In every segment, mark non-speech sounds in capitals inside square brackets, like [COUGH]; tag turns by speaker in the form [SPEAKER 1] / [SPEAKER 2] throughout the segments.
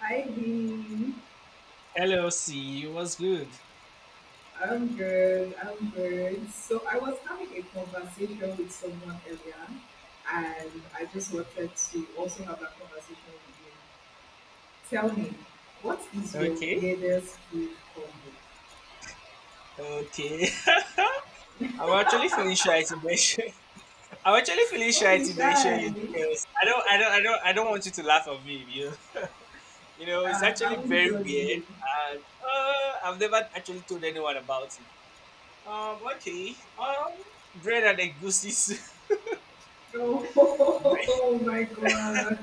[SPEAKER 1] Hi, Dee.
[SPEAKER 2] Hello, C. What's good?
[SPEAKER 1] I'm good. I'm good. So I was having a conversation with someone earlier, and I just wanted to also have that conversation with you. Tell me, what is your
[SPEAKER 2] Okay.
[SPEAKER 1] weirdest food combo?
[SPEAKER 2] Okay. [LAUGHS] I'm actually feeling shy to mention. [LAUGHS] I'm actually feeling
[SPEAKER 1] Don't
[SPEAKER 2] shy
[SPEAKER 1] be
[SPEAKER 2] to mention
[SPEAKER 1] shy.
[SPEAKER 2] it because I don't want you to laugh at me. [LAUGHS] It's
[SPEAKER 1] I
[SPEAKER 2] actually
[SPEAKER 1] won't
[SPEAKER 2] very
[SPEAKER 1] judge you.
[SPEAKER 2] weird, and I've never actually told anyone about it. Okay. Bread and eggs.
[SPEAKER 1] Oh,
[SPEAKER 2] [LAUGHS]
[SPEAKER 1] [LAUGHS] oh my God.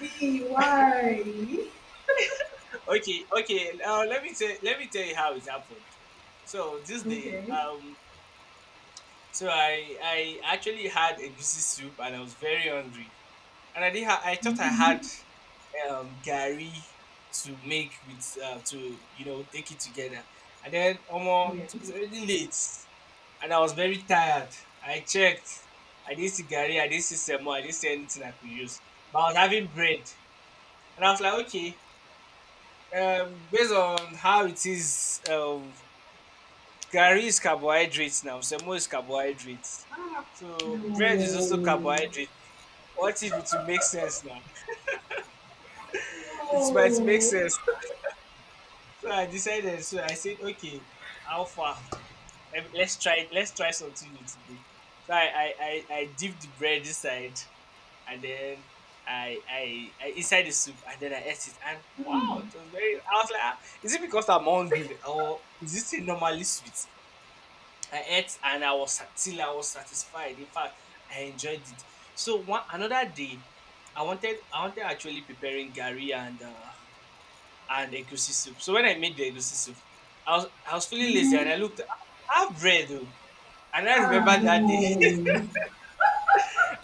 [SPEAKER 1] Me, why?
[SPEAKER 2] Okay. Okay. Let me tell. Let me tell you how it happened. So this day,
[SPEAKER 1] Okay.
[SPEAKER 2] so I actually had a goosey soup and I was very hungry, and I did. I thought I had
[SPEAKER 1] Mm-hmm.
[SPEAKER 2] Gary to make with to take it together, and then almost
[SPEAKER 1] Yeah.
[SPEAKER 2] it was already late, and I was very tired. I checked. I didn't see Gary. I didn't see Semo. I didn't see anything I could use. But I was having bread, and I was like, okay. Based on how it is, Gary is carbohydrates now. Semo is carbohydrates. So bread is
[SPEAKER 1] No.
[SPEAKER 2] also carbohydrate. What if it will make sense now? [LAUGHS] It might make
[SPEAKER 1] No.
[SPEAKER 2] sense. So I decided. So I said, okay, Alpha, let's try. Let's try something new today. So I dipped the bread inside, and then I inside the soup, and then I ate it. And wow,
[SPEAKER 1] Mm-hmm.
[SPEAKER 2] it was very. I was like, "Ah, is it because I'm hungry, or is this thing normally sweet? I ate, and I was till I was satisfied. In fact, I enjoyed it. So one another day, I wanted actually preparing Gary and. And egusi soup. So when I made the egusi soup, I was feeling lazy and
[SPEAKER 1] Mm-hmm.
[SPEAKER 2] I looked I have bread though. And I
[SPEAKER 1] Ah,
[SPEAKER 2] remember that day. [LAUGHS]
[SPEAKER 1] no.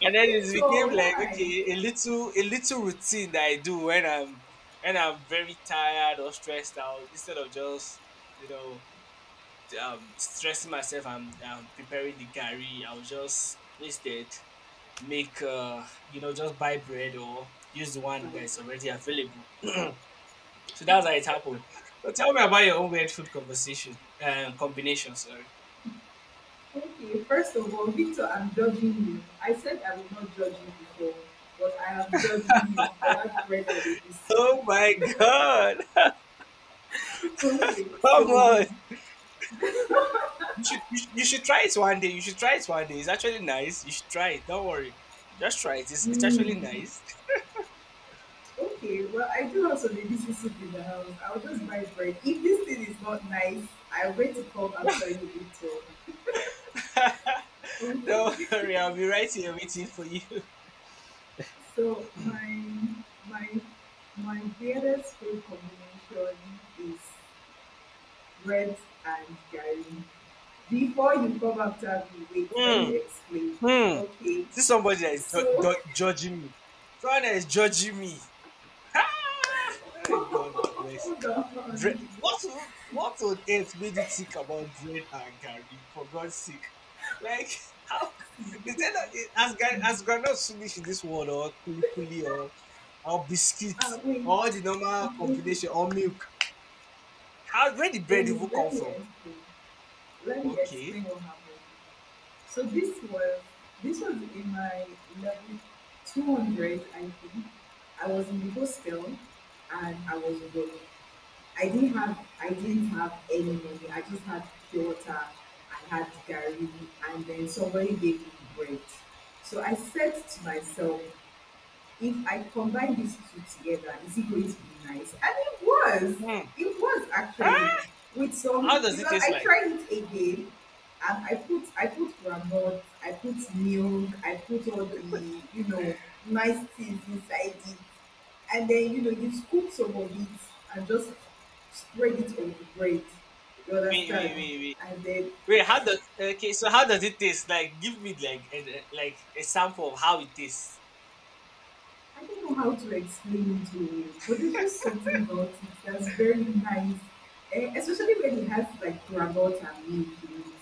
[SPEAKER 2] And then it became
[SPEAKER 1] Victor,
[SPEAKER 2] like
[SPEAKER 1] why?
[SPEAKER 2] okay, a little routine that I do when I'm very tired or stressed out instead of just, you know, stressing myself and preparing the curry, I'll just instead make just buy bread or use the one that's already available. So that's how it happened. So tell me about your own weird food conversation, combination. Sorry.
[SPEAKER 1] Okay, first of all, Victor, I'm judging you. I said I will not judge you before, but I am judging you for that bread that they receive.
[SPEAKER 2] Oh my god!
[SPEAKER 1] [LAUGHS] Okay,
[SPEAKER 2] [LAUGHS] Come
[SPEAKER 1] so,
[SPEAKER 2] on! You should you should try it one day. You should try it one day. It's actually nice. You should try it. Don't worry, just try it. It's
[SPEAKER 1] hmm,
[SPEAKER 2] actually nice.
[SPEAKER 1] okay, well, I do have some ABC soup in the house. I'll just buy bread. If this thing is not nice, I'll wait to call after you, Victor.
[SPEAKER 2] [LAUGHS]
[SPEAKER 1] Okay,
[SPEAKER 2] Don't worry, I'll be right here waiting for you. [LAUGHS]
[SPEAKER 1] so my my weirdest food combination is bread and garri. Before you come after me, wait, let
[SPEAKER 2] Hmm.
[SPEAKER 1] me explain.
[SPEAKER 2] Hmm.
[SPEAKER 1] Okay,
[SPEAKER 2] See somebody that is
[SPEAKER 1] so
[SPEAKER 2] judging me. Someone that is judging me. Oh
[SPEAKER 1] [LAUGHS]
[SPEAKER 2] God, of mercy.
[SPEAKER 1] hold
[SPEAKER 2] Bread.
[SPEAKER 1] on.
[SPEAKER 2] What on earth made you think about bread and Gary? For God's sake, like [LAUGHS] how is that not, as as groundnuts finish in this world or kuli kuli or biscuit
[SPEAKER 1] Ah, wait,
[SPEAKER 2] or all the normal
[SPEAKER 1] okay,
[SPEAKER 2] combination or milk? How where did
[SPEAKER 1] let
[SPEAKER 2] bread
[SPEAKER 1] me
[SPEAKER 2] even
[SPEAKER 1] let
[SPEAKER 2] come
[SPEAKER 1] me
[SPEAKER 2] from?
[SPEAKER 1] explain. Let me
[SPEAKER 2] Okay,
[SPEAKER 1] explain what happened. So this was in my level 200, I think. I was in the hostel and I was alone. I didn't have any money. I just had pure water. I had Gary, and then somebody gave me bread. So I said to myself, if I combine these two together, is it going to be nice? And it was.
[SPEAKER 2] hmm.
[SPEAKER 1] It was actually
[SPEAKER 2] Huh?
[SPEAKER 1] with
[SPEAKER 2] How
[SPEAKER 1] some
[SPEAKER 2] does it
[SPEAKER 1] because
[SPEAKER 2] taste
[SPEAKER 1] I
[SPEAKER 2] like?
[SPEAKER 1] tried it again and I put granite, I put milk, I put all the nice things inside it, and then you scoop some of it and just spread it on the bread. You
[SPEAKER 2] Wait
[SPEAKER 1] understand?
[SPEAKER 2] wait wait wait.
[SPEAKER 1] And then
[SPEAKER 2] Wait, how does okay? So how does it taste? Like, give me like like a sample of how it tastes.
[SPEAKER 1] I don't know how to explain it to you, but there's just something about it that's very nice, especially when it has like granite and milk in it.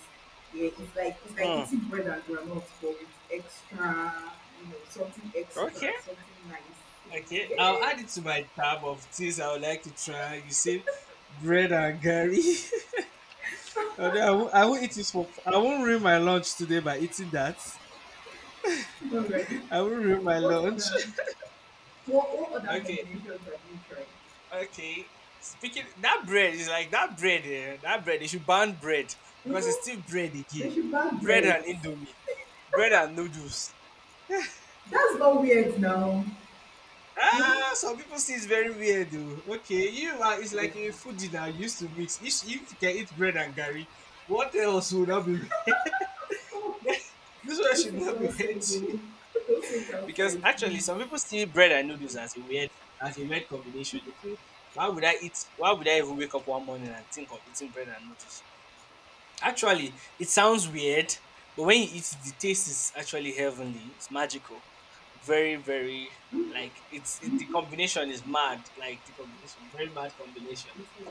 [SPEAKER 1] Yeah, it's like
[SPEAKER 2] Hmm.
[SPEAKER 1] eating bread and granite, but with extra, something extra,
[SPEAKER 2] Okay.
[SPEAKER 1] something nice
[SPEAKER 2] Okay,
[SPEAKER 1] in
[SPEAKER 2] I'll
[SPEAKER 1] it.
[SPEAKER 2] add it to my tab of things I would like to try. You said bread and Gary. [LAUGHS] Although I won't eat it for. I won't ruin my lunch today by eating that.
[SPEAKER 1] Yeah. All right.
[SPEAKER 2] I won't ruin my
[SPEAKER 1] What
[SPEAKER 2] lunch.
[SPEAKER 1] other
[SPEAKER 2] [LAUGHS]
[SPEAKER 1] what other
[SPEAKER 2] Okay,
[SPEAKER 1] combinations have you tried?
[SPEAKER 2] okay. Speaking that bread is like that bread. Eh, that bread they should ban bread because it's
[SPEAKER 1] Hmm?
[SPEAKER 2] still bread
[SPEAKER 1] They
[SPEAKER 2] again.
[SPEAKER 1] should bag
[SPEAKER 2] Bread
[SPEAKER 1] bread.
[SPEAKER 2] and indomie, bread and noodles.
[SPEAKER 1] That's not weird now. Hmm?
[SPEAKER 2] Ah, some people see it's very weird though. Okay, you are it's like a foodie that you used to mix. If you can eat bread and gari, what else would not be weird? [LAUGHS] This one
[SPEAKER 1] Don't
[SPEAKER 2] should
[SPEAKER 1] sit
[SPEAKER 2] not be
[SPEAKER 1] outside,
[SPEAKER 2] weird.
[SPEAKER 1] though. [LAUGHS] Don't sit
[SPEAKER 2] [LAUGHS] Because
[SPEAKER 1] outside,
[SPEAKER 2] actually
[SPEAKER 1] please.
[SPEAKER 2] some people see bread and noodles as a weird combination. They feel why would I even wake up one morning and think of eating bread and noodles? Actually, it sounds weird, but when you eat it, the taste is actually heavenly. It's magical. Very, very
[SPEAKER 1] Hmm?
[SPEAKER 2] like it's it, the combination is mad. Like the combination, very mad combination.
[SPEAKER 1] It is.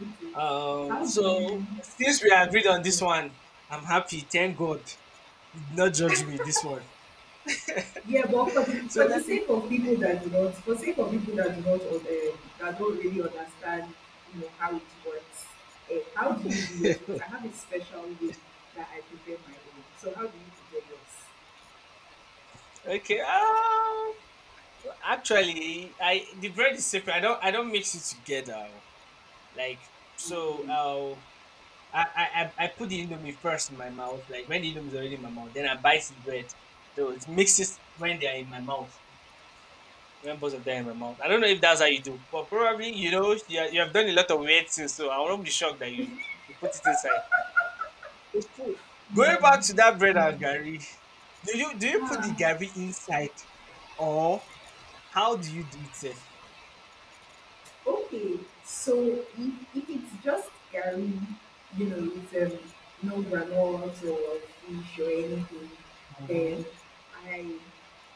[SPEAKER 1] It is. How do you?
[SPEAKER 2] So since we agreed on
[SPEAKER 1] Yeah.
[SPEAKER 2] this one, I'm happy. Thank God. You did not judge me this one.
[SPEAKER 1] Yeah, but for the
[SPEAKER 2] So
[SPEAKER 1] for
[SPEAKER 2] let
[SPEAKER 1] the
[SPEAKER 2] me.
[SPEAKER 1] sake of people that do not, for sake of people that do not, or the, that don't really understand, you know how it works. Eh, how do you do yours? Because I have a special way that I prepare my own. So how do you prepare
[SPEAKER 2] Okay. Actually, I the bread is separate. I don't mix it together. Oh. Like so. I put the indomie first in my mouth, like when the indomie is already in my mouth, then I bite the bread. So it mixes when they are in my mouth, when both of them are in my mouth. I don't know if that's how you do, but probably you know you have done a lot of weird things, so I won't be shocked that you put it inside. It's true.
[SPEAKER 1] yours?
[SPEAKER 2] Going back to that bread
[SPEAKER 1] No, no.
[SPEAKER 2] and gari, do you put the
[SPEAKER 1] Ah,
[SPEAKER 2] gari inside, or how do you do it? Safe?
[SPEAKER 1] okay, so if it's just curry, you know, with no granules or fish or anything,
[SPEAKER 2] Mm-hmm.
[SPEAKER 1] then I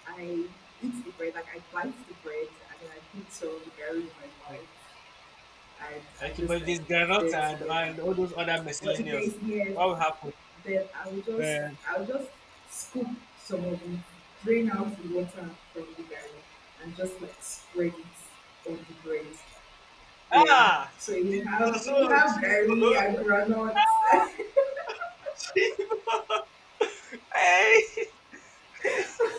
[SPEAKER 1] I eat the bread, like I bite the bread and then I put some curry in my
[SPEAKER 2] Okay.
[SPEAKER 1] mouth and I
[SPEAKER 2] Okay, but
[SPEAKER 1] just
[SPEAKER 2] if
[SPEAKER 1] like
[SPEAKER 2] there's
[SPEAKER 1] eat
[SPEAKER 2] granite
[SPEAKER 1] them
[SPEAKER 2] and
[SPEAKER 1] together.
[SPEAKER 2] all those other
[SPEAKER 1] But if there is
[SPEAKER 2] miscellaneous,
[SPEAKER 1] hair,
[SPEAKER 2] what will
[SPEAKER 1] then I'll just
[SPEAKER 2] happen?
[SPEAKER 1] I'll just scoop some of it, drain out the water from the curry and just like spread it on the bread. Yeah.
[SPEAKER 2] Ah,
[SPEAKER 1] So you have
[SPEAKER 2] Jesus,
[SPEAKER 1] you
[SPEAKER 2] oh,
[SPEAKER 1] have berry and
[SPEAKER 2] Chivo.
[SPEAKER 1] granuts.
[SPEAKER 2] [LAUGHS] Chivo. Hey. [LAUGHS]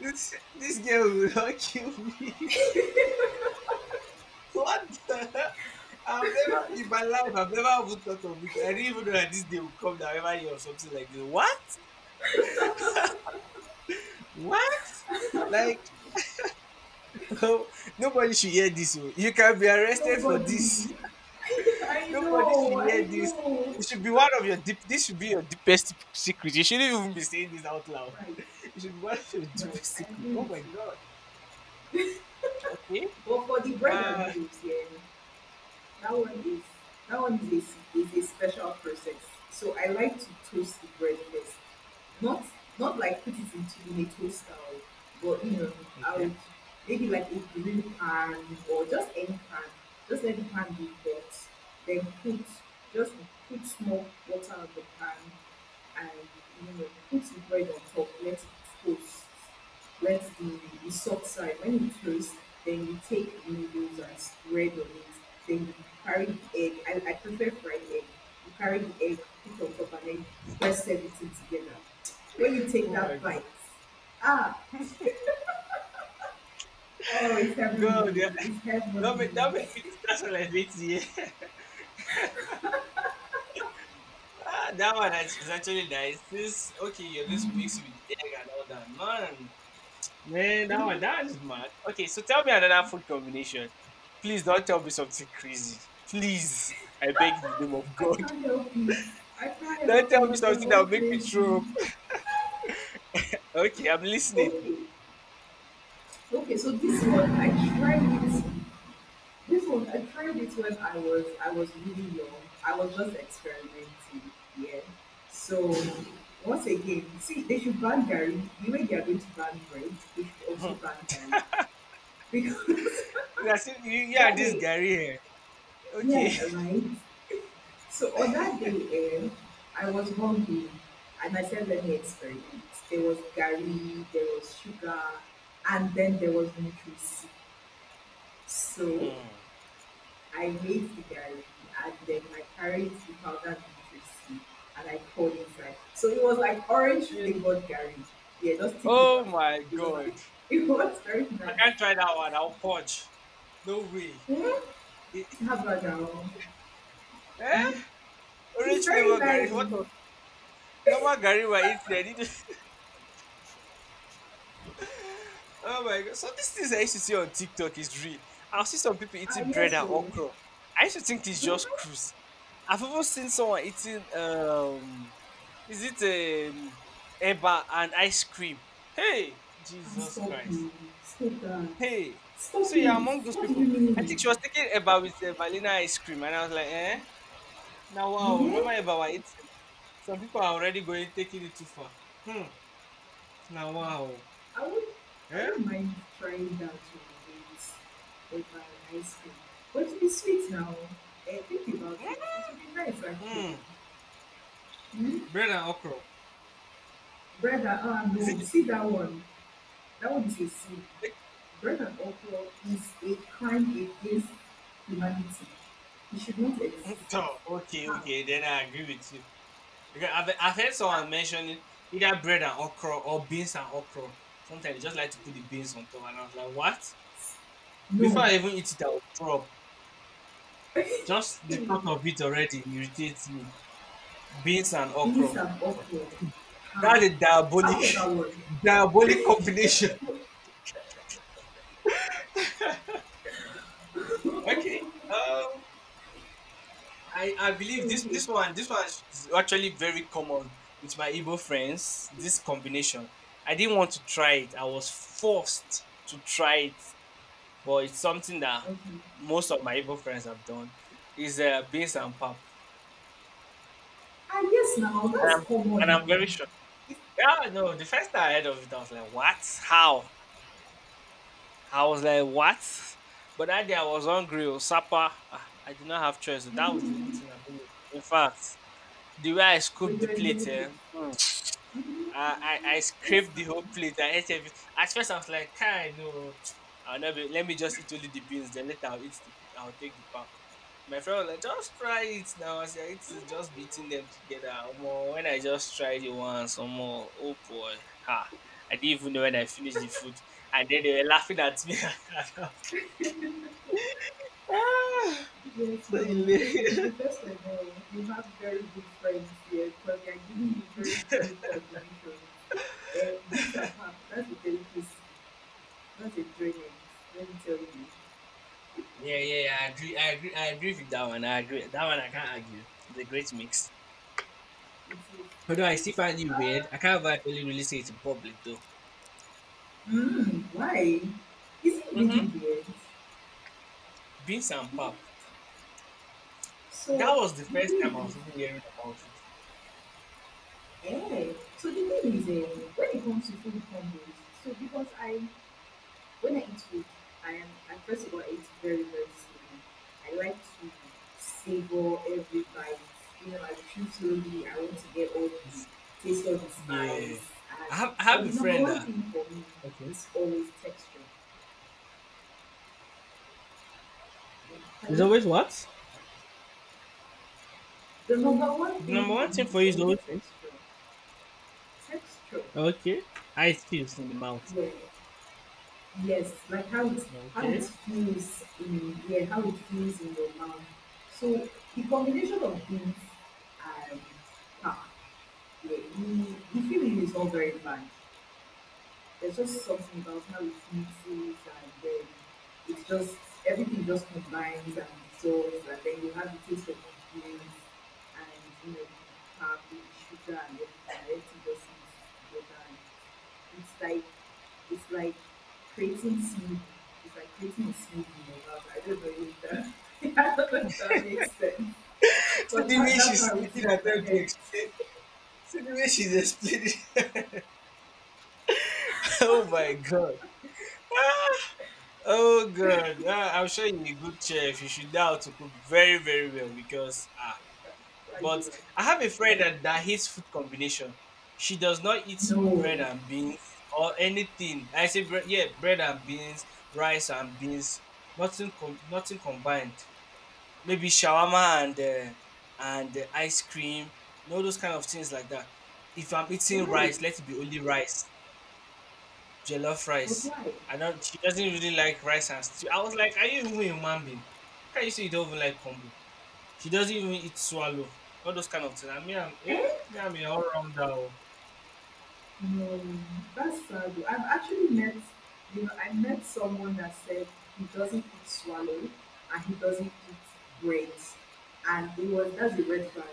[SPEAKER 2] This girl will not kill me. [LAUGHS] What the? I've never, in my life, I've never even thought of it. I didn't even know that this day would come down every year or something like this. What? What? Like, [LAUGHS] nobody should hear this. Oh. You can be arrested for this.
[SPEAKER 1] Nobody. I
[SPEAKER 2] Nobody should
[SPEAKER 1] know,
[SPEAKER 2] hear
[SPEAKER 1] I
[SPEAKER 2] this.
[SPEAKER 1] know.
[SPEAKER 2] It should be one of your deep. This should be your deepest secret. You shouldn't even be saying this out loud.
[SPEAKER 1] Right,
[SPEAKER 2] [LAUGHS] It should be one of your
[SPEAKER 1] right.
[SPEAKER 2] deepest
[SPEAKER 1] I
[SPEAKER 2] secret.
[SPEAKER 1] agree
[SPEAKER 2] Oh my
[SPEAKER 1] with you.
[SPEAKER 2] god. Okay.
[SPEAKER 1] But for the bread and
[SPEAKER 2] Uh.
[SPEAKER 1] noodles, yeah, that one is that one is a, is a special process. So I like to toast the bread first. Not not like put it into in a toaster, but you know, I
[SPEAKER 2] Okay.
[SPEAKER 1] would maybe like a grill pan or just any pan, just let the pan be hot, then put just put small water on the pan, and you know put the bread on top, let it toast, let the soft side when you toast, then you take the noodles and spread on it, then you carry the egg, I prefer fried egg, you carry the egg, put on top and then press everything together. When you take
[SPEAKER 2] Oh my
[SPEAKER 1] that
[SPEAKER 2] god.
[SPEAKER 1] bite, ah, oh, it's
[SPEAKER 2] God.
[SPEAKER 1] heavenly,
[SPEAKER 2] Yeah.
[SPEAKER 1] it's heavenly.
[SPEAKER 2] That made me to start on like eight. [LAUGHS] Ah, that one is actually nice. This okay. You're going to mix it with egg and all that, man. Man, that one
[SPEAKER 1] [LAUGHS]
[SPEAKER 2] that is mad. Okay, so tell me another food combination. Please don't tell me something crazy. Please, I beg in the name of
[SPEAKER 1] i
[SPEAKER 2] God.
[SPEAKER 1] can't help it i can't
[SPEAKER 2] Don't
[SPEAKER 1] help
[SPEAKER 2] tell me
[SPEAKER 1] it they're
[SPEAKER 2] something that
[SPEAKER 1] all
[SPEAKER 2] will make me
[SPEAKER 1] crazy.
[SPEAKER 2] throw up. Okay, I'm listening. [LAUGHS]
[SPEAKER 1] okay okay so this one i tried it This one I tried it when I was really young. I was just experimenting, yeah. So once again, see they should ban Gary. The way they are going to ban bread, they should also
[SPEAKER 2] Hmm.
[SPEAKER 1] ban Gary. Because
[SPEAKER 2] It's as if you,
[SPEAKER 1] [LAUGHS]
[SPEAKER 2] you and
[SPEAKER 1] that
[SPEAKER 2] this
[SPEAKER 1] day
[SPEAKER 2] Gary here.
[SPEAKER 1] we
[SPEAKER 2] Okay.
[SPEAKER 1] had
[SPEAKER 2] [LAUGHS]
[SPEAKER 1] arrived. So on that day, I was hungry and I said let me experiment. There was Gary, there was sugar, and then there was nutrition. So
[SPEAKER 2] Hmm.
[SPEAKER 1] I made the garlic and then I carried the powdered beetroot seed and I poured inside. So it was like orange
[SPEAKER 2] Eh,
[SPEAKER 1] flavored garlic. Yeah, just sticky but
[SPEAKER 2] oh my
[SPEAKER 1] it was like
[SPEAKER 2] god.
[SPEAKER 1] [LAUGHS] it was very
[SPEAKER 2] I
[SPEAKER 1] nice.
[SPEAKER 2] can't try that one. I'll punch. No way.
[SPEAKER 1] Yeah,
[SPEAKER 2] Eh?
[SPEAKER 1] how about that one?
[SPEAKER 2] Eh?
[SPEAKER 1] It's
[SPEAKER 2] Orange
[SPEAKER 1] very
[SPEAKER 2] flavor Gary. What
[SPEAKER 1] nice.
[SPEAKER 2] was normal Gary were eating? Oh my god. So these things I used to see on TikTok is real. I'll see some people
[SPEAKER 1] Ah
[SPEAKER 2] eating bread
[SPEAKER 1] yes, so
[SPEAKER 2] and okra. I used to think it's just
[SPEAKER 1] mm-hmm.
[SPEAKER 2] cruise. I've even seen someone eating is it eba and ice cream. Hey,
[SPEAKER 1] And
[SPEAKER 2] Jesus
[SPEAKER 1] stop
[SPEAKER 2] Christ.
[SPEAKER 1] now. Stop that.
[SPEAKER 2] Hey.
[SPEAKER 1] Stop
[SPEAKER 2] So you're
[SPEAKER 1] it.
[SPEAKER 2] among those
[SPEAKER 1] What do you
[SPEAKER 2] people. I
[SPEAKER 1] mean?
[SPEAKER 2] think she was taking eba with vanilla ice cream and I was like, eh? Now wow,
[SPEAKER 1] Eh?
[SPEAKER 2] normal eba we're eating. Some people are already going taking it too far. Hmm. Now wow.
[SPEAKER 1] I would I
[SPEAKER 2] Eh?
[SPEAKER 1] wouldn't mind trying that one with my ice cream. But it'll be sweet now. Eh, think about
[SPEAKER 2] Hmm.
[SPEAKER 1] it. It will be nice actually.
[SPEAKER 2] Hmm.
[SPEAKER 1] Hmm?
[SPEAKER 2] Bread and okra.
[SPEAKER 1] Bread and ah
[SPEAKER 2] Is it
[SPEAKER 1] no,
[SPEAKER 2] the
[SPEAKER 1] see that one. That one is a sin. Bread and okra is a crime against humanity. It should not exist.
[SPEAKER 2] [LAUGHS] oh, okay,
[SPEAKER 1] How?
[SPEAKER 2] okay, then I agree with you. Because I've heard someone mentioning either bread and okra or beans and okra. Sometimes they just like to put the beans on top, and I was like, what? Before
[SPEAKER 1] No.
[SPEAKER 2] I even eat it, I will throw up. Just the thought
[SPEAKER 1] [LAUGHS]
[SPEAKER 2] of it already irritates me. Beans and
[SPEAKER 1] Beans
[SPEAKER 2] okra.
[SPEAKER 1] and okra. How?
[SPEAKER 2] That's a
[SPEAKER 1] How about
[SPEAKER 2] diabolic,
[SPEAKER 1] that
[SPEAKER 2] [LAUGHS]
[SPEAKER 1] one?
[SPEAKER 2] diabolic
[SPEAKER 1] [LAUGHS]
[SPEAKER 2] combination. [LAUGHS] Okay. I believe
[SPEAKER 1] Okay,
[SPEAKER 2] this one is actually very common with my Igbo friends. This combination, I didn't want to try it. I was forced to try it, but it's something that
[SPEAKER 1] okay.
[SPEAKER 2] most of my Igbo friends have done. Is beans and pap,
[SPEAKER 1] Ah yes now,
[SPEAKER 2] and
[SPEAKER 1] that's
[SPEAKER 2] I'm and
[SPEAKER 1] common
[SPEAKER 2] I'm
[SPEAKER 1] now.
[SPEAKER 2] very sure. Yeah, no. The first time I heard of it, I was like, "What? How?" I was like, "What?" But that day I was hungry. Or supper. Ah, I did not have choice. So that was the only
[SPEAKER 1] Mhm.
[SPEAKER 2] thing available. In fact, the way I scooped
[SPEAKER 1] But you
[SPEAKER 2] the plate,
[SPEAKER 1] enjoyed it.
[SPEAKER 2] eh?
[SPEAKER 1] Mhm. Mhm.
[SPEAKER 2] I
[SPEAKER 1] Yes,
[SPEAKER 2] scraped
[SPEAKER 1] now.
[SPEAKER 2] the whole plate. I ate everything. At first, I was like, "Kai, no, I'll not be. Let me just eat only the beans. Then later, I'll eat. I'll take the pap." My friend was like, "Just try it now." I said, "It's just beating them together." Omo, when I just tried it once, more. Oh boy, ha! I didn't even know when I finished the food, and then they were laughing at me. [LAUGHS] Ah,
[SPEAKER 1] Yes,
[SPEAKER 2] so
[SPEAKER 1] now. Okay,
[SPEAKER 2] hilarious.
[SPEAKER 1] so first of all, you have very good friends here because they are giving you very good combinations. Beats and pap, that's a delicacy. That's a drainage. Let me tell you.
[SPEAKER 2] Yeah, yeah, yeah, I agree. I agree. I agree with that one. I agree. That one I can't argue. It's a great mix.
[SPEAKER 1] It is,
[SPEAKER 2] Although I
[SPEAKER 1] it is.
[SPEAKER 2] still find it
[SPEAKER 1] Uh,
[SPEAKER 2] weird, I can't actually really say it in public though.
[SPEAKER 1] why? Is it really
[SPEAKER 2] Mm-hmm.
[SPEAKER 1] weird?
[SPEAKER 2] Beans and pap.
[SPEAKER 1] So,
[SPEAKER 2] That was the
[SPEAKER 1] the
[SPEAKER 2] first time
[SPEAKER 1] thing
[SPEAKER 2] I
[SPEAKER 1] is,
[SPEAKER 2] was even hearing about it.
[SPEAKER 1] eh, when it comes to food combos, so because I when I eat food, I first of all it's very slowly. I like to savor every bite. You know, I chew slowly. I want to get all the
[SPEAKER 2] This-
[SPEAKER 1] taste of the
[SPEAKER 2] yeah,
[SPEAKER 1] spice. And
[SPEAKER 2] I
[SPEAKER 1] but
[SPEAKER 2] have a
[SPEAKER 1] the number
[SPEAKER 2] friend
[SPEAKER 1] one
[SPEAKER 2] that
[SPEAKER 1] thing for me
[SPEAKER 2] Okay.
[SPEAKER 1] is always texture.
[SPEAKER 2] There's
[SPEAKER 1] Hello?
[SPEAKER 2] always what
[SPEAKER 1] The number one thing
[SPEAKER 2] number one
[SPEAKER 1] for me
[SPEAKER 2] thing for
[SPEAKER 1] is
[SPEAKER 2] you is
[SPEAKER 1] always
[SPEAKER 2] always what?
[SPEAKER 1] texture. Texture.
[SPEAKER 2] Okay. How it feels in the mouth.
[SPEAKER 1] Yeah. Yes, like how it
[SPEAKER 2] Okay.
[SPEAKER 1] feels in yeah, how it feels in your mouth. So the combination of these and ah, yeah, the feeling is all very bland. There's just something about how it mixes and then it's just everything just combines and dissolves and then you have the taste of ingredients and you know the carb, the sugar and everything just mixes together and it's like it's like creating seed. It's like creating a seed in your mouth. I don't know if that, [LAUGHS] I don't know if that makes sense.
[SPEAKER 2] [LAUGHS] See
[SPEAKER 1] But
[SPEAKER 2] the
[SPEAKER 1] that,
[SPEAKER 2] way
[SPEAKER 1] that's
[SPEAKER 2] she's
[SPEAKER 1] how it
[SPEAKER 2] taking
[SPEAKER 1] is in
[SPEAKER 2] her
[SPEAKER 1] my
[SPEAKER 2] time to
[SPEAKER 1] head.
[SPEAKER 2] explain. See the way she's explaining. [LAUGHS] Oh my god. Oh god. I'm sure you're a good chef. You should know how to cook very, very well because ah.
[SPEAKER 1] Why do
[SPEAKER 2] But
[SPEAKER 1] you like it?
[SPEAKER 2] I have a friend
[SPEAKER 1] Thank
[SPEAKER 2] that hates food combination. She does not eat
[SPEAKER 1] you.
[SPEAKER 2] bread
[SPEAKER 1] No.
[SPEAKER 2] and beans or anything. I say bread, yeah, bread and beans, rice and beans, nothing combined. Maybe shawarma and ice cream, you know those kind of things like that. If I'm eating
[SPEAKER 1] Why?
[SPEAKER 2] rice, let it be only rice, jollof
[SPEAKER 1] But
[SPEAKER 2] rice.
[SPEAKER 1] why?
[SPEAKER 2] I don't. She doesn't really like rice and stew. I was like, are you even a human being? How can you say you don't even like combo? She doesn't even eat swallow. All those kind of things. I mean, I'm, yeah,
[SPEAKER 1] Eh?
[SPEAKER 2] me, I'm a all rounder. Oh.
[SPEAKER 1] No. That's sad. I've actually met, you know, I met someone that said he doesn't eat swallow and he doesn't eat bread. And it was, that's a red flag.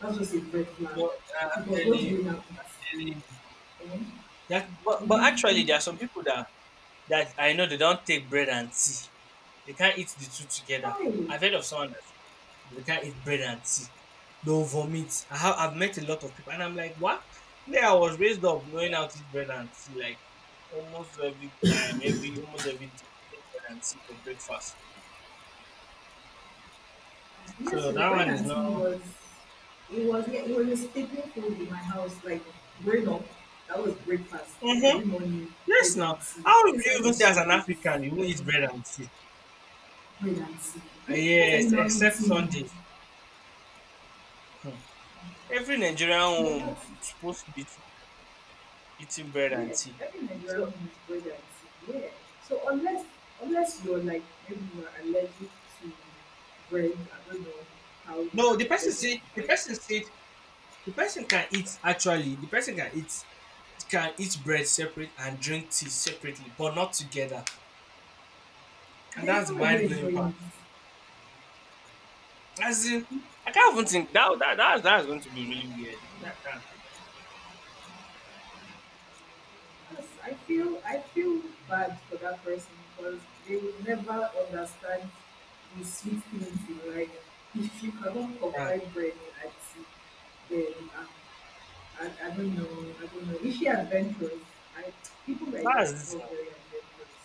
[SPEAKER 1] That's just a red flag.
[SPEAKER 2] No, I'm
[SPEAKER 1] Because
[SPEAKER 2] telling
[SPEAKER 1] what do you
[SPEAKER 2] you,
[SPEAKER 1] now eat?
[SPEAKER 2] telling you.
[SPEAKER 1] And
[SPEAKER 2] But
[SPEAKER 1] live
[SPEAKER 2] actually,
[SPEAKER 1] in
[SPEAKER 2] there are some people that I know they don't take bread and tea. They can't eat the two together.
[SPEAKER 1] Hollywood.
[SPEAKER 2] I've heard of someone that said they can't eat bread and tea. They'll vomit. I've met a lot of people, and I'm like, what? Me, I was raised up knowing how to eat bread and tea, like almost every time, every almost every day, take bread and tea for breakfast.
[SPEAKER 1] Yes,
[SPEAKER 2] So
[SPEAKER 1] so
[SPEAKER 2] that one
[SPEAKER 1] Brennan
[SPEAKER 2] is
[SPEAKER 1] he
[SPEAKER 2] not.
[SPEAKER 1] was it was yeah, it was a staple food in my house, like growing up. That was breakfast
[SPEAKER 2] Mhm.
[SPEAKER 1] every morning, bread
[SPEAKER 2] Yes,
[SPEAKER 1] and
[SPEAKER 2] now.
[SPEAKER 1] tea,
[SPEAKER 2] How would you
[SPEAKER 1] except
[SPEAKER 2] even
[SPEAKER 1] on
[SPEAKER 2] say as an
[SPEAKER 1] Sundays
[SPEAKER 2] African you won't
[SPEAKER 1] when
[SPEAKER 2] eat bread and tea?
[SPEAKER 1] bread and tea.
[SPEAKER 2] Ah,
[SPEAKER 1] Eh, what are
[SPEAKER 2] yes,
[SPEAKER 1] you now
[SPEAKER 2] except
[SPEAKER 1] eating?
[SPEAKER 2] Sundays. Hmm. Every Nigerian
[SPEAKER 1] But
[SPEAKER 2] home
[SPEAKER 1] that's
[SPEAKER 2] is supposed to be eating bread and
[SPEAKER 1] yeah,
[SPEAKER 2] tea.
[SPEAKER 1] every Nigerian
[SPEAKER 2] So
[SPEAKER 1] home is bread and tea. Yeah. So unless unless you're like maybe you are allergic to bread, I don't know how you can
[SPEAKER 2] no,
[SPEAKER 1] be allergic to
[SPEAKER 2] the
[SPEAKER 1] bread.
[SPEAKER 2] person said the person can eat actually. The person can eat bread separate and drink tea separately, but not together. And
[SPEAKER 1] Then
[SPEAKER 2] that's
[SPEAKER 1] how
[SPEAKER 2] the
[SPEAKER 1] are you
[SPEAKER 2] mind blowing part.
[SPEAKER 1] enjoying it?
[SPEAKER 2] As in, I can't even think that that's going to be really weird. I can't.
[SPEAKER 1] Yes, I feel bad for that person because they will never understand the sweet things in life. [LAUGHS] If you cannot
[SPEAKER 2] That,
[SPEAKER 1] provide bread and tea, then I don't know. I don't know. If you're adventurous, I, people like
[SPEAKER 2] that's
[SPEAKER 1] that are not
[SPEAKER 2] this.
[SPEAKER 1] very adventurous.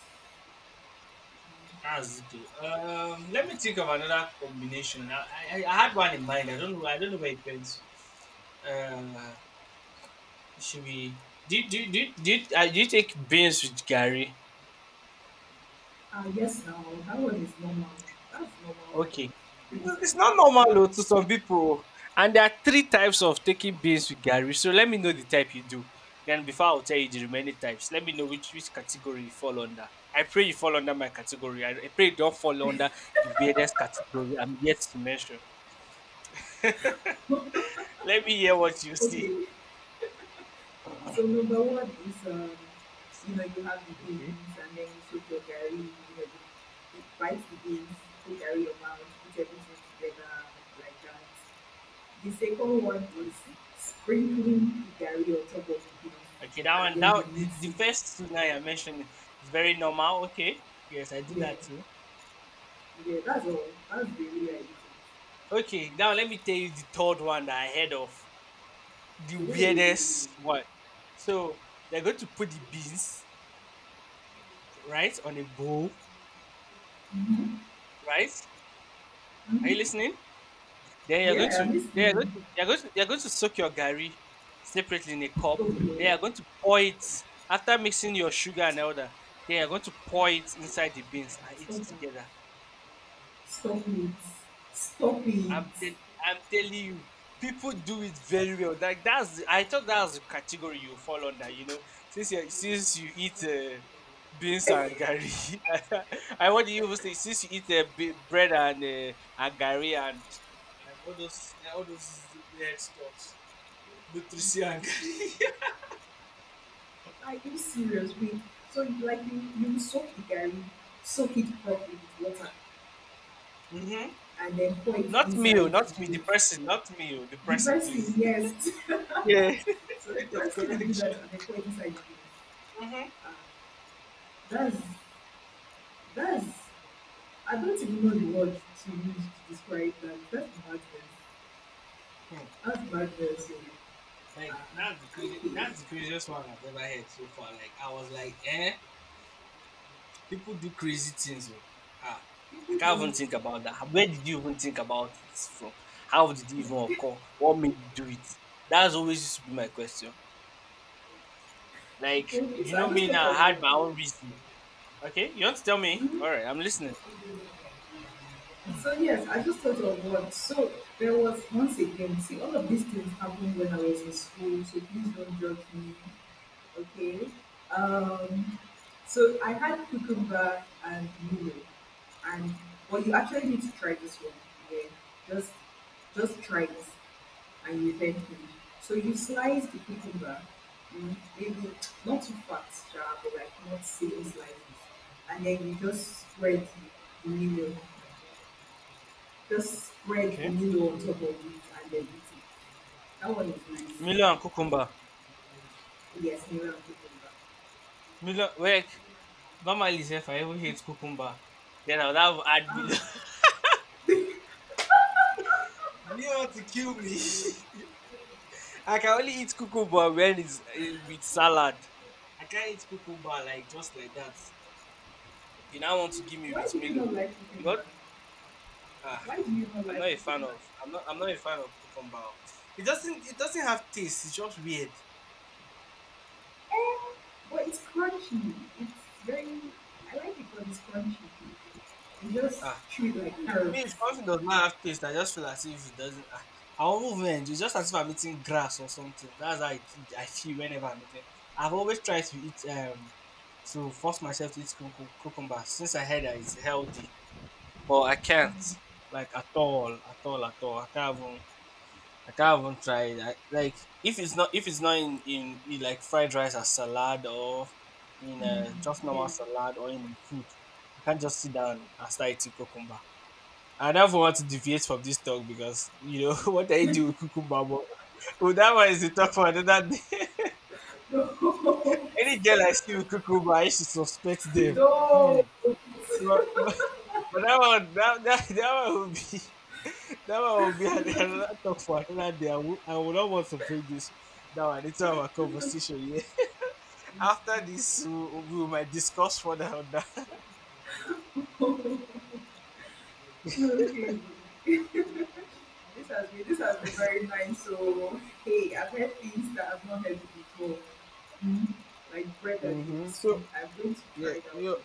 [SPEAKER 2] That's it. Too. Let me think of another combination. I had one in mind. I don't know. I don't know where it went. Uh, it should be. Did you take beans with Gary?
[SPEAKER 1] Yes, now that one is normal. That's normal.
[SPEAKER 2] Okay,
[SPEAKER 1] For things
[SPEAKER 2] it's not
[SPEAKER 1] like
[SPEAKER 2] normal
[SPEAKER 1] that.
[SPEAKER 2] though, to some people. And there are three types
[SPEAKER 1] Yeah.
[SPEAKER 2] of taking beans with Gary. So let me know the type you do. Then before I'll tell you the remaining types, let me know which category you fall under. I pray you fall under my category. I pray you don't fall under the weirdest category I'm yet to mention. Let me hear what you see.
[SPEAKER 1] Okay. So number one is, you know, you have the
[SPEAKER 2] Okay,
[SPEAKER 1] beans and then you soak your garri, you know, you bite the beans, put garri around, put everything together like that. The second one is
[SPEAKER 2] okay,
[SPEAKER 1] sprinkling the garri on top of the beans
[SPEAKER 2] okay.
[SPEAKER 1] and then you mix
[SPEAKER 2] The
[SPEAKER 1] it.
[SPEAKER 2] first two now you're mentioning is very normal. Okay, yes, I do
[SPEAKER 1] Yeah,
[SPEAKER 2] that too.
[SPEAKER 1] yeah, that's all. That's the way
[SPEAKER 2] Okay, now let me tell you the third one that I heard of, the
[SPEAKER 1] I do it.
[SPEAKER 2] weirdest one. So they're going to put the beans right on a bowl. Right?
[SPEAKER 1] Ooh.
[SPEAKER 2] Are you
[SPEAKER 1] Mhm.
[SPEAKER 2] listening? Then you're going
[SPEAKER 1] Yeah, I'm
[SPEAKER 2] to, they are
[SPEAKER 1] listening.
[SPEAKER 2] going to, you're going to, you're going to soak your gari separately in a cup. They
[SPEAKER 1] Okay.
[SPEAKER 2] are going to pour it after mixing your sugar and all that. Then you're going to pour it inside the beans and eat
[SPEAKER 1] Stop
[SPEAKER 2] it
[SPEAKER 1] that.
[SPEAKER 2] together.
[SPEAKER 1] Stop
[SPEAKER 2] I'm
[SPEAKER 1] it.
[SPEAKER 2] tell I'm telling you, people do it very well. Like that's the, I thought that was the category you fall under. You know, since you eat beans and gari, [LAUGHS] I want you even say since you eat b- bread and gari and all those weird stuffs, nutrition and
[SPEAKER 1] Stop it.
[SPEAKER 2] gari.
[SPEAKER 1] Are you serious? Wait, so you like you soak the garri, soak it properly with water,
[SPEAKER 2] [LAUGHS] hmm.
[SPEAKER 1] and then pour it
[SPEAKER 2] Not me, oh,
[SPEAKER 1] inside
[SPEAKER 2] not
[SPEAKER 1] the
[SPEAKER 2] me, the
[SPEAKER 1] beans.
[SPEAKER 2] person, not me, oh, the
[SPEAKER 1] The
[SPEAKER 2] person,
[SPEAKER 1] person,
[SPEAKER 2] please. [LAUGHS]
[SPEAKER 1] yes.
[SPEAKER 2] Yeah.
[SPEAKER 1] [LAUGHS] So the
[SPEAKER 2] Point of
[SPEAKER 1] person will do that
[SPEAKER 2] correction.
[SPEAKER 1] and then pour it inside the beans.
[SPEAKER 2] Mm-hmm.
[SPEAKER 1] Ah, that's that's I don't even know the word to use to describe that. That's madness.
[SPEAKER 2] Hmm.
[SPEAKER 1] That's madness. So,
[SPEAKER 2] Like
[SPEAKER 1] ah,
[SPEAKER 2] that's the crazy.
[SPEAKER 1] okay.
[SPEAKER 2] That's the craziest one I've ever heard so far. Like I was like, eh, people do crazy things. Oh, ha. Like, I can't even think about that. Where did you even think about this from? How did it even occur? What made you do it? That's always used to be my question. Like
[SPEAKER 1] Okay,
[SPEAKER 2] you
[SPEAKER 1] so I
[SPEAKER 2] know
[SPEAKER 1] just
[SPEAKER 2] me
[SPEAKER 1] thought
[SPEAKER 2] now. I had
[SPEAKER 1] of
[SPEAKER 2] my own reason. Okay, you want to tell me?
[SPEAKER 1] one.
[SPEAKER 2] All right, I'm listening.
[SPEAKER 1] So yes, I just thought of one. So there was once again, see all of these things happened when I was in school, so please don't judge me. Okay. Um so I had cucumber and milo. And well you actually need to try this one. Yeah. Just just try it and you thank me. So you slice the cucumber, mm, maybe not too fat, sha, but like not same slices. And then you just spread the milo just spread
[SPEAKER 2] Okay,
[SPEAKER 1] new notable youth identities. That one is nice.
[SPEAKER 2] Milo and cucumber.
[SPEAKER 1] Yes, Miriam Kukumba.
[SPEAKER 2] Milo, wait. Normally, if I ever hate cucumber, then I would have had Milo.
[SPEAKER 1] Ah,
[SPEAKER 2] [LAUGHS] You want to kill me? [LAUGHS] I can only eat cucumber when it's with salad. I can't eat cucumber like just like that. You now want to give me
[SPEAKER 1] why
[SPEAKER 2] with
[SPEAKER 1] do you
[SPEAKER 2] Milo.
[SPEAKER 1] not like
[SPEAKER 2] You know,
[SPEAKER 1] Kukumba?
[SPEAKER 2] ah,
[SPEAKER 1] Why do you not like Kukumba?
[SPEAKER 2] I'm not. I'm not a fan of cucumber. It doesn't. It doesn't have taste. It's just weird.
[SPEAKER 1] Eh, but it's crunchy. It's very, I like it because it's crunchy. You just
[SPEAKER 2] Ah,
[SPEAKER 1] chew it like
[SPEAKER 2] me,
[SPEAKER 1] carrots.
[SPEAKER 2] if something does not have taste, I just feel as if it doesn't. Ah, I won't even enjoy. It's just as if I'm eating grass or something. That's how it, I feel whenever I'm eating. I've always tried to eat to force myself to eat cucumber since I heard that it's healthy, but I can't like at all, at all, at all. I can't even try it. I, like if it's not in, in like fried rice as salad or in
[SPEAKER 1] Mm.
[SPEAKER 2] just normal
[SPEAKER 1] Yeah.
[SPEAKER 2] salad or in food, I can't just sit down and start eating cucumber. I never want to deviate from this talk because you know [LAUGHS] what I do with cucumber, but [LAUGHS] well, that one is the talk for another day. [LAUGHS]
[SPEAKER 1] [LAUGHS] Don't.
[SPEAKER 2] Any
[SPEAKER 1] [LAUGHS]
[SPEAKER 2] girl I see with cucumber, I should suspect them. Hmm. But, [LAUGHS] but, but that one would be That one will be an- [LAUGHS] another talk for another day. I would not want to bring this into our conversation. Yeah. [LAUGHS] After this, we might discuss further on that.
[SPEAKER 1] Don't. [LAUGHS] Okay. This has been very nice. So hey, I've heard things that I've not heard before. Mm. Like bread and
[SPEAKER 2] Mm-hmm.
[SPEAKER 1] ABC.
[SPEAKER 2] So,
[SPEAKER 1] I'm going to try
[SPEAKER 2] yeah,
[SPEAKER 1] that
[SPEAKER 2] you
[SPEAKER 1] one.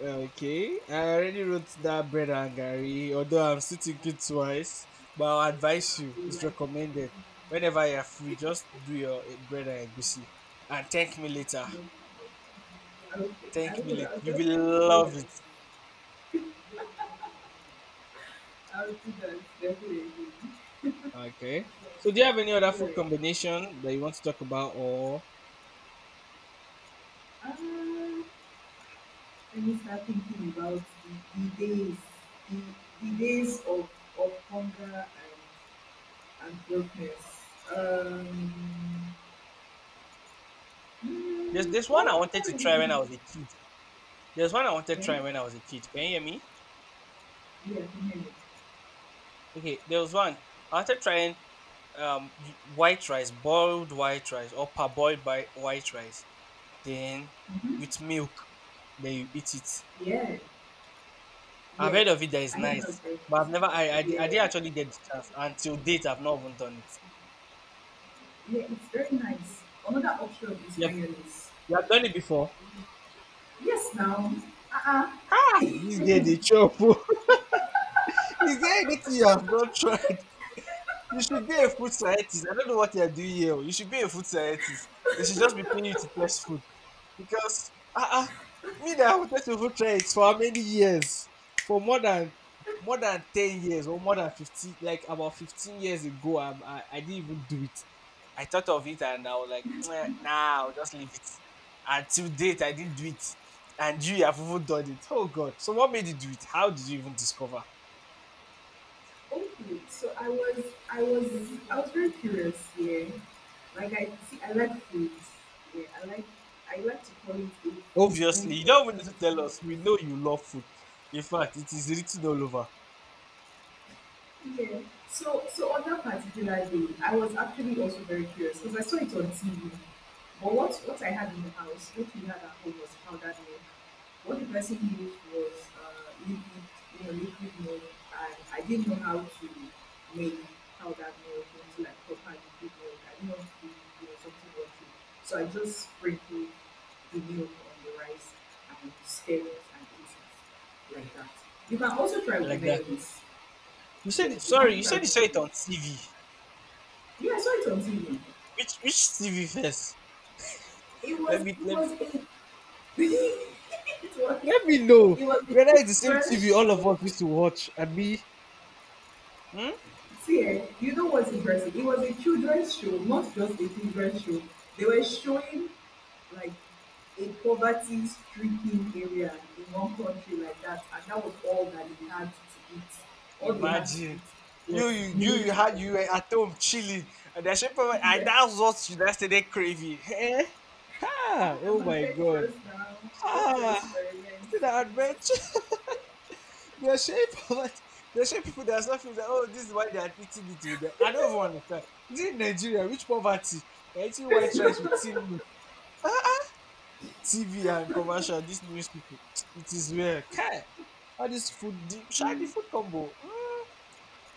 [SPEAKER 2] okay. I already wrote that bread and Gary, although I'm still thinking twice. But I'll advise you,
[SPEAKER 1] You know,
[SPEAKER 2] it's
[SPEAKER 1] like
[SPEAKER 2] recommended.
[SPEAKER 1] it.
[SPEAKER 2] Whenever you're free, just do your bread and goosey and thank me later.
[SPEAKER 1] No. Okay. I
[SPEAKER 2] Thank me
[SPEAKER 1] will
[SPEAKER 2] later.
[SPEAKER 1] I'll
[SPEAKER 2] You will
[SPEAKER 1] definitely do that.
[SPEAKER 2] love it.
[SPEAKER 1] I'll do that definitely.
[SPEAKER 2] Okay. So, do you have any other food
[SPEAKER 1] Alright.
[SPEAKER 2] combination that you want to talk about or
[SPEAKER 1] Uh, let me start thinking about the days, the, the days of hunger and brokenness. Um,
[SPEAKER 2] there's this
[SPEAKER 1] well,
[SPEAKER 2] one I
[SPEAKER 1] I
[SPEAKER 2] wanted
[SPEAKER 1] can't
[SPEAKER 2] to
[SPEAKER 1] really
[SPEAKER 2] try when I
[SPEAKER 1] think of.
[SPEAKER 2] was a kid. There's one I wanted to
[SPEAKER 1] Yeah,
[SPEAKER 2] try when I was a kid. Can you hear me?
[SPEAKER 1] yeah, I can hear you.
[SPEAKER 2] Okay, there was one I wanted trying white rice, boiled white rice or parboiled by white rice, then
[SPEAKER 1] Hmm.
[SPEAKER 2] with milk, then you eat it.
[SPEAKER 1] Yeah,
[SPEAKER 2] I've
[SPEAKER 1] yeah.
[SPEAKER 2] heard of it that is
[SPEAKER 1] I think that's
[SPEAKER 2] nice,
[SPEAKER 1] very nice.
[SPEAKER 2] but I've never I didn't
[SPEAKER 1] Yeah,
[SPEAKER 2] actually get the chance until date. I've not even done it.
[SPEAKER 1] yeah, it's very nice. Another option is
[SPEAKER 2] Yep,
[SPEAKER 1] mayonnaise.
[SPEAKER 2] you have done it before.
[SPEAKER 1] Yes, now. Uh-uh.
[SPEAKER 2] This day they chop. [LAUGHS] Is there anything [LAUGHS] you have not tried? You should be a food scientist. I don't know what you're doing here. Oh. You should be a food scientist. They should just be paying you to test food. Because, ah, uh-uh, me that I wanted to food try it for how many years? For more than 10 years or more than 15, like about 15 years ago, I didn't even do it. I thought of it and I was like, "Meh, nah, I'll just leave it." Until date, I didn't do it. And you have even done it. Oh, God. So, what made you do it? How did you even discover?
[SPEAKER 1] Okay, so I was, I was very curious. Yeah, like I see, I like food. Yeah, I like to call it a food
[SPEAKER 2] Obviously, you
[SPEAKER 1] venture.
[SPEAKER 2] don't even need
[SPEAKER 1] That's
[SPEAKER 2] to
[SPEAKER 1] what I
[SPEAKER 2] tell
[SPEAKER 1] call
[SPEAKER 2] us.
[SPEAKER 1] it.
[SPEAKER 2] We know you love food. In fact, it is written all over
[SPEAKER 1] Yeah. So, so on that particular day, I was actually also very curious because I saw it on TV. But what I had in the house, what we had at home was powdered milk. What the person used was liquid, you know, liquid milk, and I didn't know how to make powdered milk into like proper liquid milk. I didn't want to do, you know, something rocky, so I just sprinkled the milk on the rice and stirred it and ate it like that. You can also try with
[SPEAKER 2] like that.
[SPEAKER 1] mayonnaise.
[SPEAKER 2] You said
[SPEAKER 1] Yeah,
[SPEAKER 2] it.
[SPEAKER 1] the
[SPEAKER 2] Sorry,
[SPEAKER 1] monkey
[SPEAKER 2] you
[SPEAKER 1] carried
[SPEAKER 2] said
[SPEAKER 1] the
[SPEAKER 2] you saw it
[SPEAKER 1] baby.
[SPEAKER 2] on TV.
[SPEAKER 1] Yeah, I saw it on TV.
[SPEAKER 2] Which TV first?
[SPEAKER 1] It was
[SPEAKER 2] Let me
[SPEAKER 1] it
[SPEAKER 2] let
[SPEAKER 1] was a [LAUGHS] it was
[SPEAKER 2] let me know
[SPEAKER 1] it was a
[SPEAKER 2] whether it's the same TV
[SPEAKER 1] children's
[SPEAKER 2] all of
[SPEAKER 1] show.
[SPEAKER 2] us used to watch. I mean, hmm?
[SPEAKER 1] See, eh, you know what's interesting? It was a children's show, not just a children's show. They were showing like a poverty stricken area in one country like that, and that was all that they had to eat. All they had to
[SPEAKER 2] Imagine
[SPEAKER 1] eat was milk and
[SPEAKER 2] you were at home chilling and the shape of
[SPEAKER 1] [LAUGHS]
[SPEAKER 2] and
[SPEAKER 1] yeah.
[SPEAKER 2] that's what you yesterday craving. Eh? Ha!
[SPEAKER 1] Ah, I'm
[SPEAKER 2] Oh my god!
[SPEAKER 1] adventurous now. I want to
[SPEAKER 2] Ah,
[SPEAKER 1] experiment.
[SPEAKER 2] see that adventure. The shape of it, the shape [LAUGHS] people they are suffering that oh this is why they are eating it with them. I don't even understand. Is it Nigeria? Which poverty? They're eating white rice
[SPEAKER 1] Please.
[SPEAKER 2] with TV, and commercial. These news people, it is rare. Okay, all this food, the, try the
[SPEAKER 1] [LAUGHS]
[SPEAKER 2] food combo. Mm,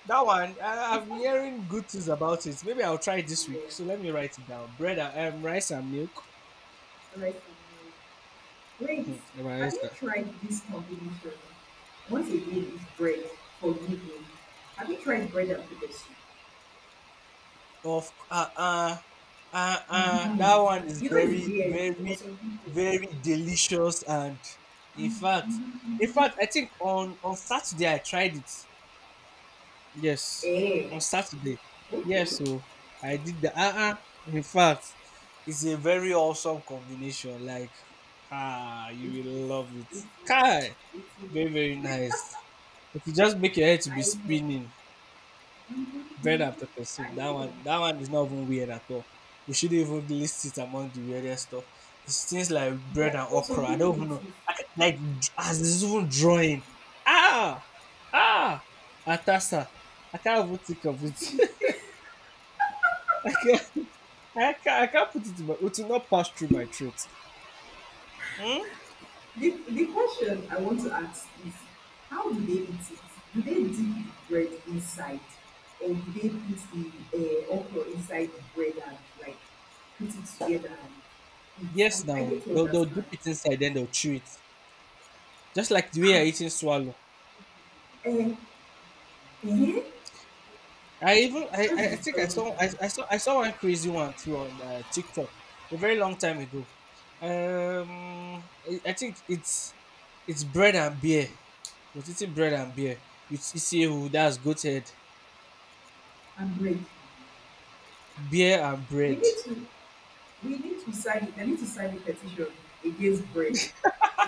[SPEAKER 2] that one I've
[SPEAKER 1] It's
[SPEAKER 2] been
[SPEAKER 1] not bad.
[SPEAKER 2] hearing good things about it. Maybe I'll try it this week.
[SPEAKER 1] Yeah.
[SPEAKER 2] So let me write it down. Rice and milk.
[SPEAKER 1] Rice and meal. Wait,
[SPEAKER 2] Hmm,
[SPEAKER 1] have
[SPEAKER 2] rice.
[SPEAKER 1] you tried this combination? Once again, it's bread. Forgive me. Have you tried bread and potato soup?
[SPEAKER 2] Of that one
[SPEAKER 1] Mm-hmm.
[SPEAKER 2] is
[SPEAKER 1] You know it's
[SPEAKER 2] very
[SPEAKER 1] weird for
[SPEAKER 2] very
[SPEAKER 1] some people.
[SPEAKER 2] very delicious and in fact in
[SPEAKER 1] Mm-hmm.
[SPEAKER 2] fact I think on Saturday I tried it. Yes.
[SPEAKER 1] Eh.
[SPEAKER 2] On Saturday.
[SPEAKER 1] Okay.
[SPEAKER 2] Yes, so I
[SPEAKER 1] It
[SPEAKER 2] did the in fact it's a very awesome combination like ah
[SPEAKER 1] is.
[SPEAKER 2] you will love it.
[SPEAKER 1] It is.
[SPEAKER 2] Kai
[SPEAKER 1] It is.
[SPEAKER 2] very very nice. It will just make your head to be
[SPEAKER 1] I know.
[SPEAKER 2] spinning. Bread
[SPEAKER 1] Mm-hmm.
[SPEAKER 2] after
[SPEAKER 1] I
[SPEAKER 2] pursuit.
[SPEAKER 1] know.
[SPEAKER 2] That one is not even weird at all. We shouldn't even list it among the weirdest stuff. It's things like bread
[SPEAKER 1] But
[SPEAKER 2] and
[SPEAKER 1] for some
[SPEAKER 2] okra. I don't
[SPEAKER 1] people, it
[SPEAKER 2] even know.
[SPEAKER 1] is.
[SPEAKER 2] I can, like as this even drawing. Ah, ah, atasa. I can't even think of
[SPEAKER 1] I
[SPEAKER 2] it.
[SPEAKER 1] think
[SPEAKER 2] [LAUGHS] I can't. I can't put it in my. It will not pass through my throat. Hmm?
[SPEAKER 1] the question I want to ask is how do they eat it? Do they dip the bread inside, or do they put the okra inside the bread and like put it together and eat? I,
[SPEAKER 2] Yes,
[SPEAKER 1] I
[SPEAKER 2] now
[SPEAKER 1] need to
[SPEAKER 2] they'll
[SPEAKER 1] understand.
[SPEAKER 2] dip it inside, then they'll chew it. Just like the way
[SPEAKER 1] Ah,
[SPEAKER 2] you're eating swallow.
[SPEAKER 1] eh, eh,
[SPEAKER 2] I even
[SPEAKER 1] that's
[SPEAKER 2] I think
[SPEAKER 1] disturbing. Eh.
[SPEAKER 2] I saw one crazy one too on TikTok a very long time ago. I think it's bread and beer. Was eating bread and beer with CCA who that's goat head
[SPEAKER 1] And bread.
[SPEAKER 2] beer and
[SPEAKER 1] We
[SPEAKER 2] bread.
[SPEAKER 1] need to we need to sign it. I need to sign a petition against bread.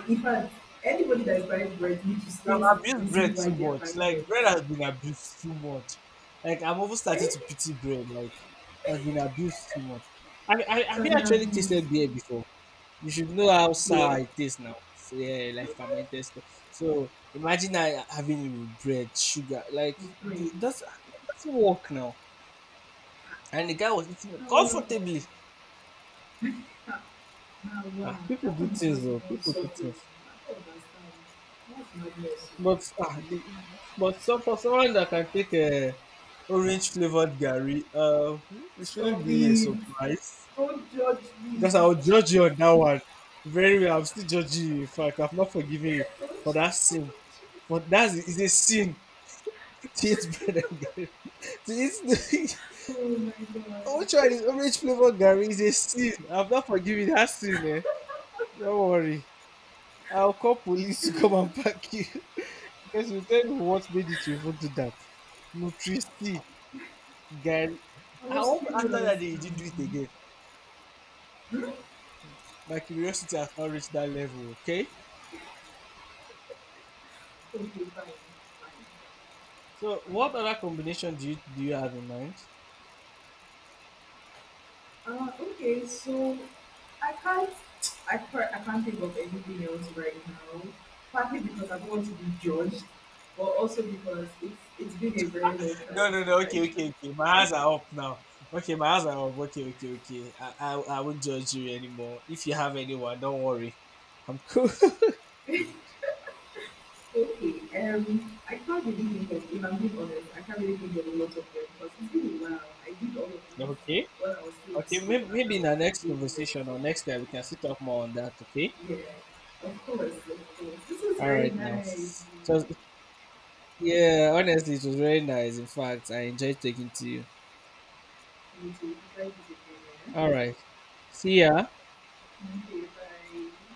[SPEAKER 1] In fact, anybody that is buying bread needs to
[SPEAKER 2] I've
[SPEAKER 1] state the
[SPEAKER 2] abused bread
[SPEAKER 1] reason why
[SPEAKER 2] too
[SPEAKER 1] they are
[SPEAKER 2] much.
[SPEAKER 1] buying bread.
[SPEAKER 2] Like bread has been abused too much. Like I'm almost
[SPEAKER 1] Eh,
[SPEAKER 2] starting to
[SPEAKER 1] it
[SPEAKER 2] pity bread. Like has been abused too much. I I have
[SPEAKER 1] has
[SPEAKER 2] you
[SPEAKER 1] been
[SPEAKER 2] actually
[SPEAKER 1] abused.
[SPEAKER 2] tasted beer before? You should know how sour
[SPEAKER 1] Beer.
[SPEAKER 2] it is now. So, yeah, like
[SPEAKER 1] Mm-hmm.
[SPEAKER 2] fermented stuff. So imagine I having it with bread, sugar. Like
[SPEAKER 1] With
[SPEAKER 2] the,
[SPEAKER 1] braids.
[SPEAKER 2] it doesn't work now. And the guy was eating
[SPEAKER 1] Now,
[SPEAKER 2] it
[SPEAKER 1] wow,
[SPEAKER 2] comfortably.
[SPEAKER 1] now, wow.
[SPEAKER 2] Ah, people
[SPEAKER 1] That one
[SPEAKER 2] do
[SPEAKER 1] is not
[SPEAKER 2] things though.
[SPEAKER 1] even
[SPEAKER 2] People do
[SPEAKER 1] suffering.
[SPEAKER 2] things.
[SPEAKER 1] I don't understand. That's madness. Oh.
[SPEAKER 2] But some for someone that can take a orange flavored gari, it
[SPEAKER 1] Stop
[SPEAKER 2] shouldn't be a
[SPEAKER 1] it.
[SPEAKER 2] surprise
[SPEAKER 1] Don't judge me.
[SPEAKER 2] because I will judge you on that one very well. I'm still judging you. In fact, I've not forgiven you for that sin. For that is a sin. Cheese bread and Gary. This,
[SPEAKER 1] Oh my
[SPEAKER 2] [LAUGHS]
[SPEAKER 1] god.
[SPEAKER 2] which one is orange [LAUGHS] flavor Gary is a sin. I've not forgiven that sin, eh? Don't worry. I'll call police to come and pack you. [LAUGHS] Because you tell me what made it to even do that. Nutrici, Gary.
[SPEAKER 1] I
[SPEAKER 2] I
[SPEAKER 1] was
[SPEAKER 2] hope after
[SPEAKER 1] curious
[SPEAKER 2] that day you didn't do it
[SPEAKER 1] now.
[SPEAKER 2] again.
[SPEAKER 1] Hmm?
[SPEAKER 2] My curiosity has now reached that level, okay?
[SPEAKER 1] Okay, fine.
[SPEAKER 2] So what other combination do you have in mind?
[SPEAKER 1] Fine. Okay, so I can't. I can't think of anything else right now. Partly because I don't want to be judged, but also because it's been a very long time
[SPEAKER 2] No, no, no.
[SPEAKER 1] since
[SPEAKER 2] Okay,
[SPEAKER 1] I.
[SPEAKER 2] okay, okay. My hands are up now. Okay, my hands are up. Okay, okay, okay. I won't judge you anymore. If you have anyone, don't worry. I'm cool. [LAUGHS]
[SPEAKER 1] Okay, I can't really think of, if I'm being honest, I can't really think of a lot of them because it's been a while. I did all of
[SPEAKER 2] okay.
[SPEAKER 1] these when I was still in
[SPEAKER 2] Okay.
[SPEAKER 1] school
[SPEAKER 2] Maybe,
[SPEAKER 1] and that
[SPEAKER 2] maybe in
[SPEAKER 1] was
[SPEAKER 2] our next
[SPEAKER 1] many years
[SPEAKER 2] conversation
[SPEAKER 1] ago.
[SPEAKER 2] or next time we can sit up more on that. Okay.
[SPEAKER 1] Yeah, of course, of course. This was
[SPEAKER 2] All
[SPEAKER 1] very
[SPEAKER 2] right. Now.
[SPEAKER 1] nice.
[SPEAKER 2] So
[SPEAKER 1] Mm.
[SPEAKER 2] yeah. Honestly, it was very nice. In fact, I enjoyed talking to you.
[SPEAKER 1] Me too. Thank you, Jane,
[SPEAKER 2] All right. See ya.
[SPEAKER 1] yeah? Okay, bye.